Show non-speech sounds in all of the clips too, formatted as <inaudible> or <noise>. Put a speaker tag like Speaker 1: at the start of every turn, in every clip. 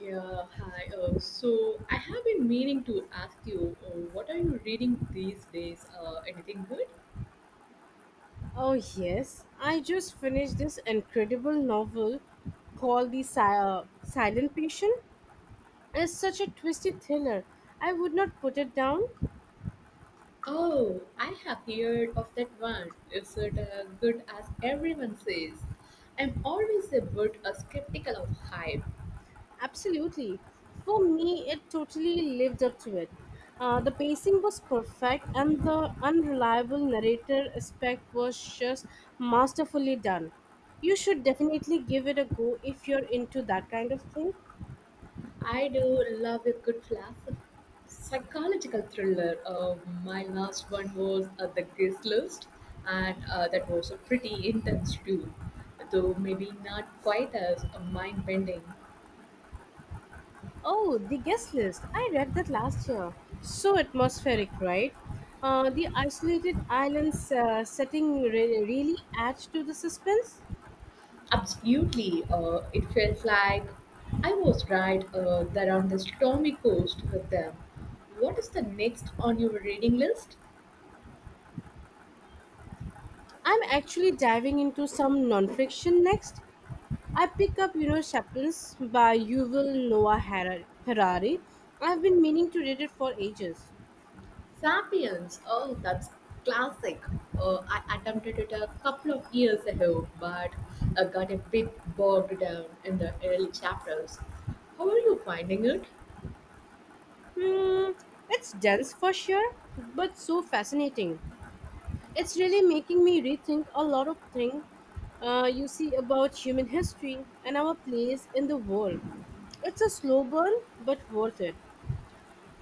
Speaker 1: Yeah, hi. So I have been meaning to ask you, what are you reading these days? Anything good?
Speaker 2: Oh, yes. I just finished this incredible novel called Silent Patient. It's such a twisted thriller. I would not put it down.
Speaker 1: Oh, I have heard of that one. Is it good as everyone says? I'm always a bit skeptical of hype.
Speaker 2: Absolutely. For me, it totally lived up to it. The pacing was perfect, and the unreliable narrator aspect was just masterfully done. You should definitely give it a go if you're into that kind of thing.
Speaker 1: I do love a good philosophy. Psychological thriller. My last one was The Guest List, and that was pretty intense too, though maybe not quite as mind bending.
Speaker 2: Oh, the guest list. I read that last year. So atmospheric, right? The isolated islands setting really adds to the suspense.
Speaker 1: Absolutely, it felt like I was right there on the stormy coast with them. What is the next on your reading list?
Speaker 2: I'm actually diving into some nonfiction next. I pick up, you know, Chaplains by Harari. I've been meaning to read it for ages.
Speaker 1: Sapiens, oh, that's classic. I attempted it a couple of years ago, but I got a bit bogged down in the early chapters. How are you finding it?
Speaker 2: Hmm, it's dense for sure, but so fascinating. It's really making me rethink a lot of things you see about human history and our place in the world. It's a slow burn, but worth it.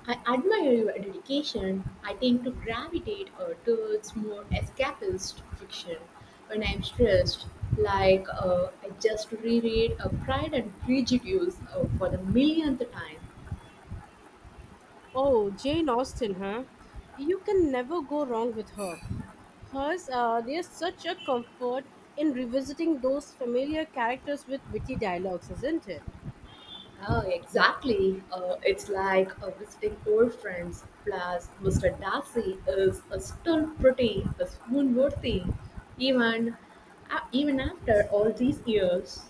Speaker 1: I admire your dedication. I tend to gravitate towards more escapist fiction when I'm stressed. Like, I just reread Pride and Prejudice for the millionth time.
Speaker 2: Oh, Jane Austen, huh? You can never go wrong with her. Hers, there's such a comfort in revisiting those familiar characters with witty dialogues, isn't it?
Speaker 1: Oh, exactly. It's like visiting old friends. Plus, Mr. Darcy is still pretty swoon worthy, even, even after all these years.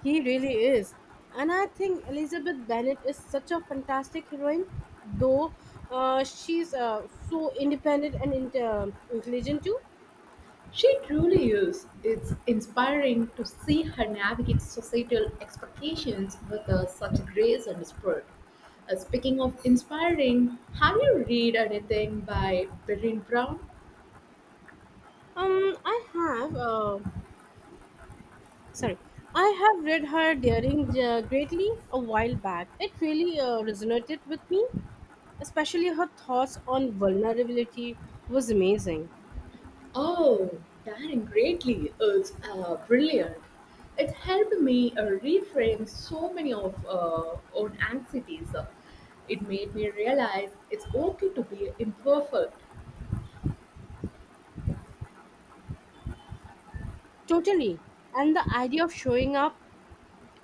Speaker 2: He really is. And I think Elizabeth Bennet is such a fantastic heroine, though she's so independent and intelligent too.
Speaker 1: She truly is. It's inspiring to see her navigate societal expectations with such grace and spirit. Speaking of inspiring, have you read anything by Berrine Brown?
Speaker 2: I have, sorry, I have read her Daring Greatly a while back. It really resonated with me, especially her thoughts on vulnerability was amazing.
Speaker 1: Oh, Daring Greatly is brilliant. It helped me reframe so many of own anxieties. It made me realize it's okay to be imperfect.
Speaker 2: Totally. And the idea of showing up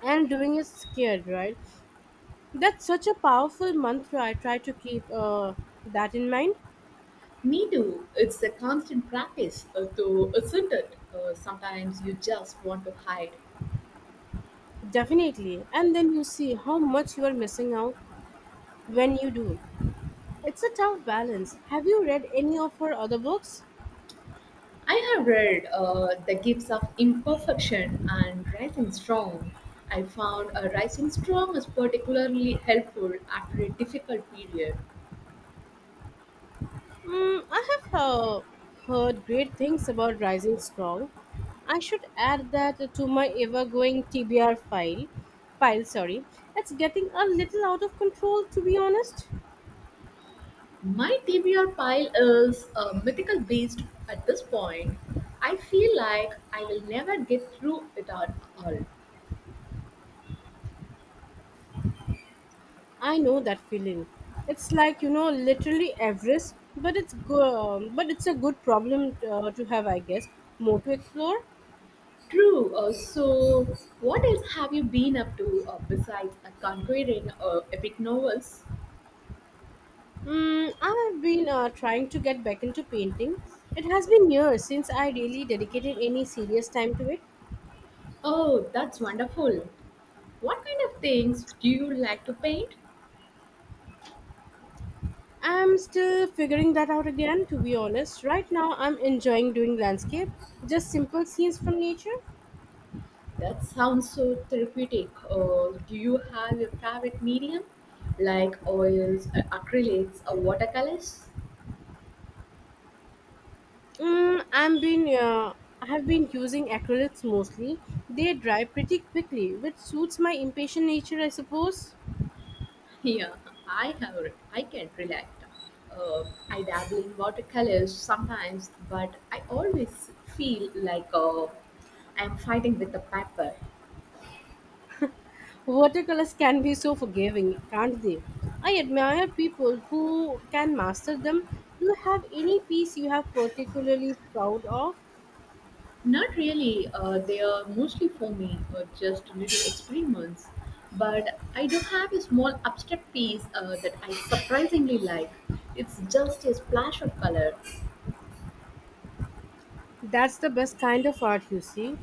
Speaker 2: and doing it scared, right? That's such a powerful mantra. I try to keep that in mind.
Speaker 1: Me too. It's a constant practice, though, isn't it? Sometimes you just want to hide.
Speaker 2: Definitely. And then you see how much you are missing out when you do. It's a tough balance. Have you read any of her other books?
Speaker 1: I have read The Gifts of Imperfection and Rising Strong. I found Rising Strong is particularly helpful after a difficult period.
Speaker 2: Mm, I have heard great things about Rising Strong. I should add that to my ever going TBR file. Pile, sorry. It's getting a little out of control, to be honest.
Speaker 1: My TBR pile is mythical beast at this point. I feel like I will never get through it at all.
Speaker 2: I know that feeling. It's like you know, literally Everest, but but it's a good problem to have, I guess. More to explore.
Speaker 1: True. So, what else have you been up to besides conquering epic novels?
Speaker 2: Mm, I've been trying to get back into painting. It has been years since I really dedicated any serious time to it.
Speaker 1: Oh, that's wonderful. What kind of things do you like to paint?
Speaker 2: I'm still figuring that out again, to be honest. Right now, I'm enjoying doing landscape, just simple scenes from nature.
Speaker 1: That sounds so therapeutic. Do you have a favorite medium, like oils, acrylics, or watercolors?
Speaker 2: Mm, I am been I've been using acrylics mostly. They dry pretty quickly, which suits my impatient nature, I suppose.
Speaker 1: Yeah, I can relate. I dabble in watercolors sometimes, but I always feel like I'm fighting with the paper.
Speaker 2: Watercolors can be so forgiving, can't they? I admire people who can master them. Do you have any piece you have particularly proud of?
Speaker 1: Not really. They are mostly for me, just little experiments. But I do have a small abstract piece that I surprisingly like. It's just a splash of color.
Speaker 2: That's the best kind of art, you see,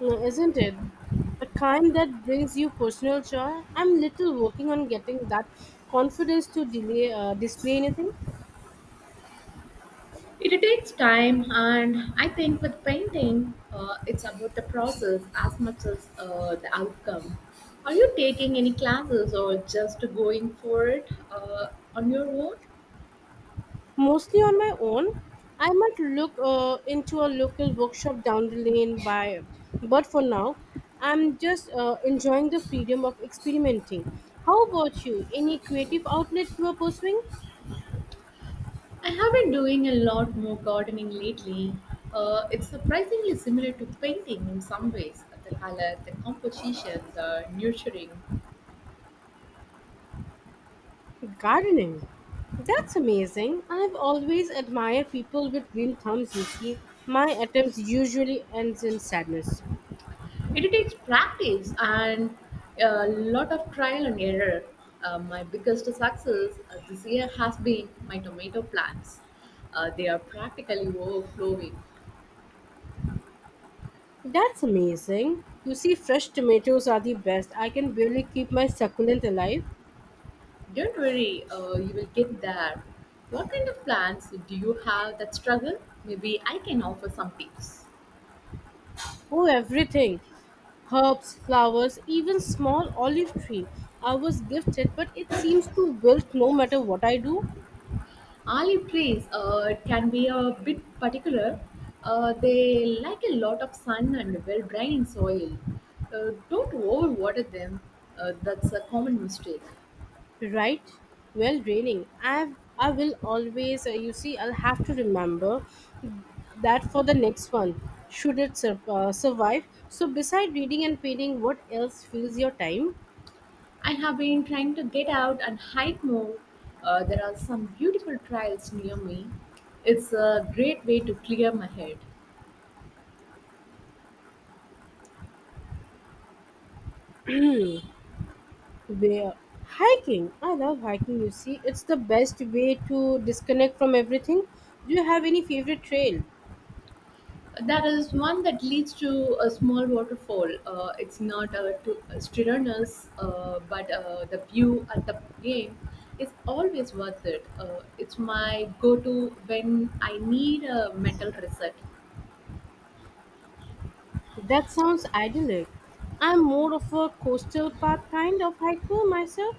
Speaker 2: Mm, isn't it? The kind that brings you personal joy. I'm little working on getting that confidence to delay display anything.
Speaker 1: It takes time, and I think with painting, it's about the process as much as the outcome. Are you taking any classes or just going for it on your own?
Speaker 2: Mostly on my own. I might look into a local bookshop down the lane by, but for now, I'm just enjoying the freedom of experimenting. How about you? Any creative outlet you are pursuing?
Speaker 1: I have been doing a lot more gardening lately. It's surprisingly similar to painting in some ways, the color, the composition, the nurturing.
Speaker 2: Gardening. That's amazing. I've always admired people with green thumbs, you see. My attempts usually ends in sadness.
Speaker 1: It takes practice and a lot of trial and error. My biggest success this year has been my tomato plants. They are practically overflowing.
Speaker 2: That's amazing. You see, fresh tomatoes are the best. I can barely keep my succulent alive.
Speaker 1: Don't worry, you will get there. What kind of plants do you have that struggle? Maybe I can offer some tips.
Speaker 2: Oh, everything herbs, flowers, even small olive tree. I was gifted, but it seems to wilt no matter what I do.
Speaker 1: Olive trees can be a bit particular. They like a lot of sun and well drained soil. Don't overwater them, that's a common mistake.
Speaker 2: Right? Well, raining. I will always, you see, I'll have to remember that for the next one, should it survive. So, beside reading and painting, what else fills your time?
Speaker 1: I have been trying to get out and hike more. There are some beautiful trails near me. It's a great way to clear my head.
Speaker 2: Where? Hiking. I love hiking, you see. It's the best way to disconnect from everything. Do you have any favorite trail?
Speaker 1: That is one that leads to a small waterfall. It's not too strenuous, but the view at the game is always worth it. It's my go-to when I need a mental reset.
Speaker 2: That sounds idyllic. I'm more of a coastal path kind of hiker myself.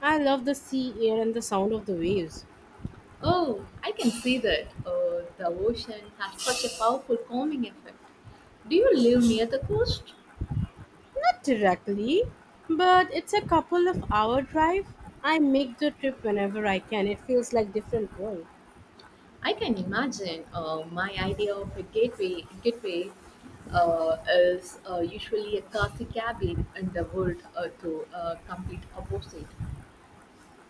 Speaker 2: I love the sea air and the sound of the waves.
Speaker 1: Oh, I can see that. The ocean has such a powerful calming effect. Do you live near the coast?
Speaker 2: Not directly, but it's a couple of hour drive. I make the trip whenever I can. It feels like different world.
Speaker 1: I can imagine my idea of a gateway is usually a cozy cabin in the world to complete opposite.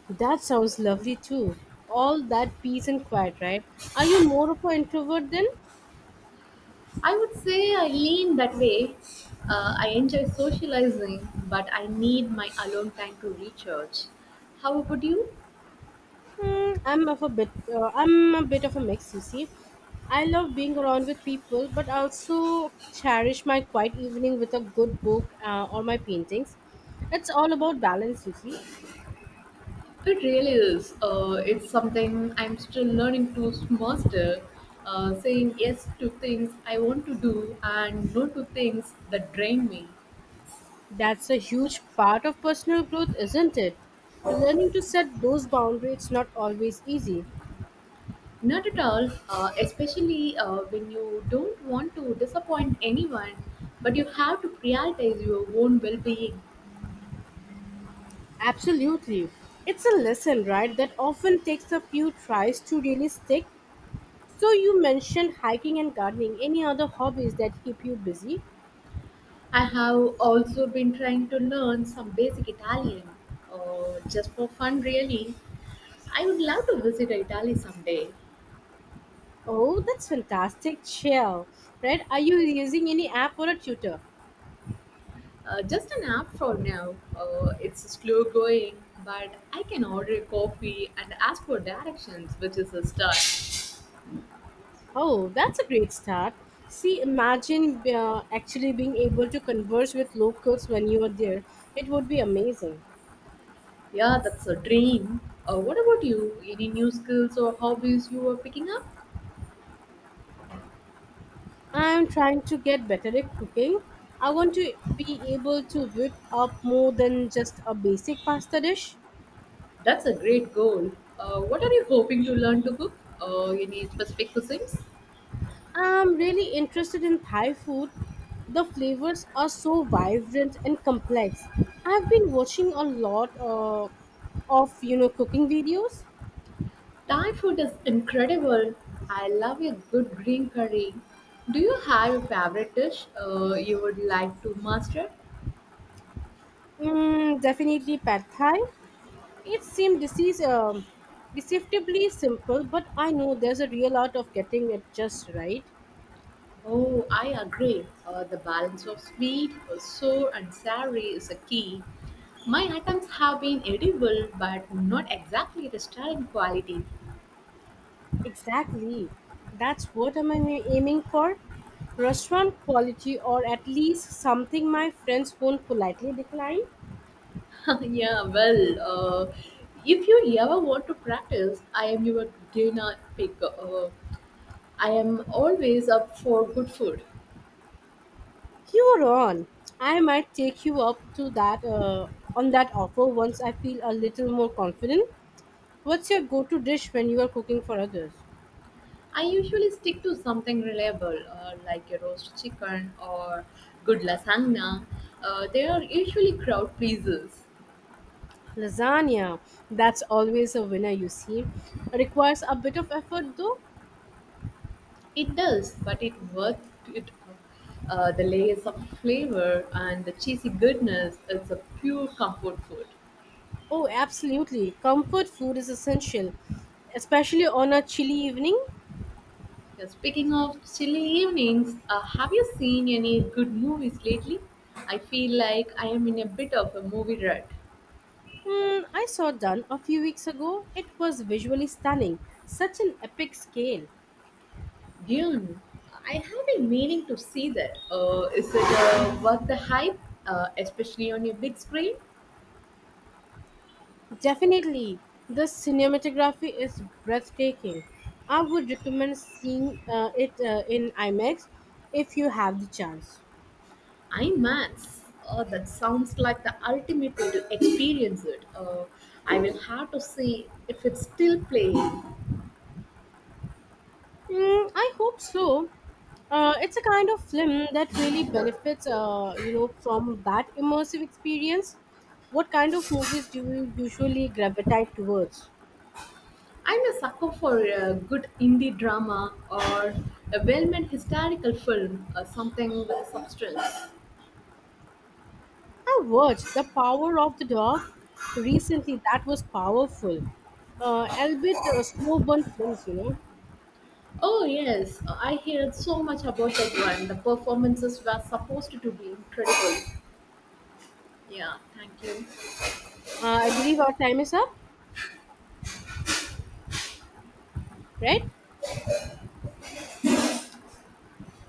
Speaker 2: That sounds lovely too. All that peace and quiet, right? Are you more of an introvert then?
Speaker 1: I would say I lean that way. I enjoy socializing, but I need my alone time to recharge. How about you?
Speaker 2: Hmm, I'm of a bit. I'm a bit of a mix. You see, I love being around with people, but I also cherish my quiet evening with a good book or my paintings. It's all about balance. You see,
Speaker 1: It really is. It's something I'm still learning to master. Saying yes to things I want to do and no to things that drain me.
Speaker 2: that's a huge part of personal growth, isn't it? Learning to set those boundaries not always easy.
Speaker 1: Not at all, especially when you don't want to disappoint anyone, but you have to prioritize your own well being.
Speaker 2: Absolutely, it's a lesson, right? That often takes a few tries to really stick. So you mentioned hiking and gardening. Any other hobbies that keep you busy?
Speaker 1: I have also been trying to learn some basic Italian, just for fun, really. I would love to visit Italy someday.
Speaker 2: Oh, that's fantastic, Chill. Right? Are you using any app or a tutor?
Speaker 1: Just an app for now. It's slow going, but I can order a coffee and ask for directions, which is a start.
Speaker 2: Oh, that's a great start. See, imagine actually being able to converse with locals when you are there. It would be amazing.
Speaker 1: Yeah, that's a dream. What about you? Any new skills or hobbies you are picking up?
Speaker 2: I'm trying to get better at cooking. I want to be able to whip up more than just a basic pasta dish.
Speaker 1: That's a great goal. What are you hoping to learn to cook? Any specific cuisines?
Speaker 2: I'm really interested in Thai food. The flavors are so vibrant and complex. I've been watching a lot of you know cooking videos.
Speaker 1: Thai food is incredible. I love a good green curry. Do you have a favorite dish you would like to master?
Speaker 2: Mm, definitely pad Thai. It seemed this is deceptively simple, but I know there's a real art of getting it just right.
Speaker 1: Oh, I agree. The balance of sweet, sour, and savory is a key. My items have been edible, but not exactly restaurant quality.
Speaker 2: Exactly. That's what am I am aiming for? Restaurant quality, or at least something my friends won't politely decline.
Speaker 1: <laughs> Yeah, well, if you ever want to practice, I am your dinner pick. I am always up for good food.
Speaker 2: You're on. I might take you up to that on that offer once I feel a little more confident. What's your go-to dish when you are cooking for others?
Speaker 1: I usually stick to something reliable, like a roast chicken or good lasagna. They are usually crowd pleasers.
Speaker 2: Lasagna. That's always a winner, you see. Requires a bit of effort though.
Speaker 1: It does, but it worth it. The layers of flavor and the cheesy goodness, it's a pure comfort food.
Speaker 2: Oh, absolutely. Comfort food is essential, especially on a chilly evening.
Speaker 1: Yeah, speaking of chilly evenings, have you seen any good movies lately? I feel like I am in a bit of a movie rut.
Speaker 2: Hmm, I saw done a few weeks ago. It was visually stunning. Such an epic scale.
Speaker 1: Dune, I have been meaning to see that. Is it worth the hype, especially on your big screen?
Speaker 2: Definitely, the cinematography is breathtaking. I would recommend seeing it in IMAX if you have the chance.
Speaker 1: IMAX. Oh, that sounds like the ultimate way to experience it. I will have to see if it's still playing.
Speaker 2: Mm, I hope so. It's a kind of film that really benefits, you know, from that immersive experience. What kind of movies do you usually gravitate towards?
Speaker 1: I'm a sucker for a good indie drama or a well made historical film or something with substance.
Speaker 2: I watched The Power of the Dog recently. That was powerful, albeit slow burn films, you know.
Speaker 1: Oh, yes, I heard so much about that one. The performances were supposed to be incredible. Yeah, thank you.
Speaker 2: I believe our time is up, right?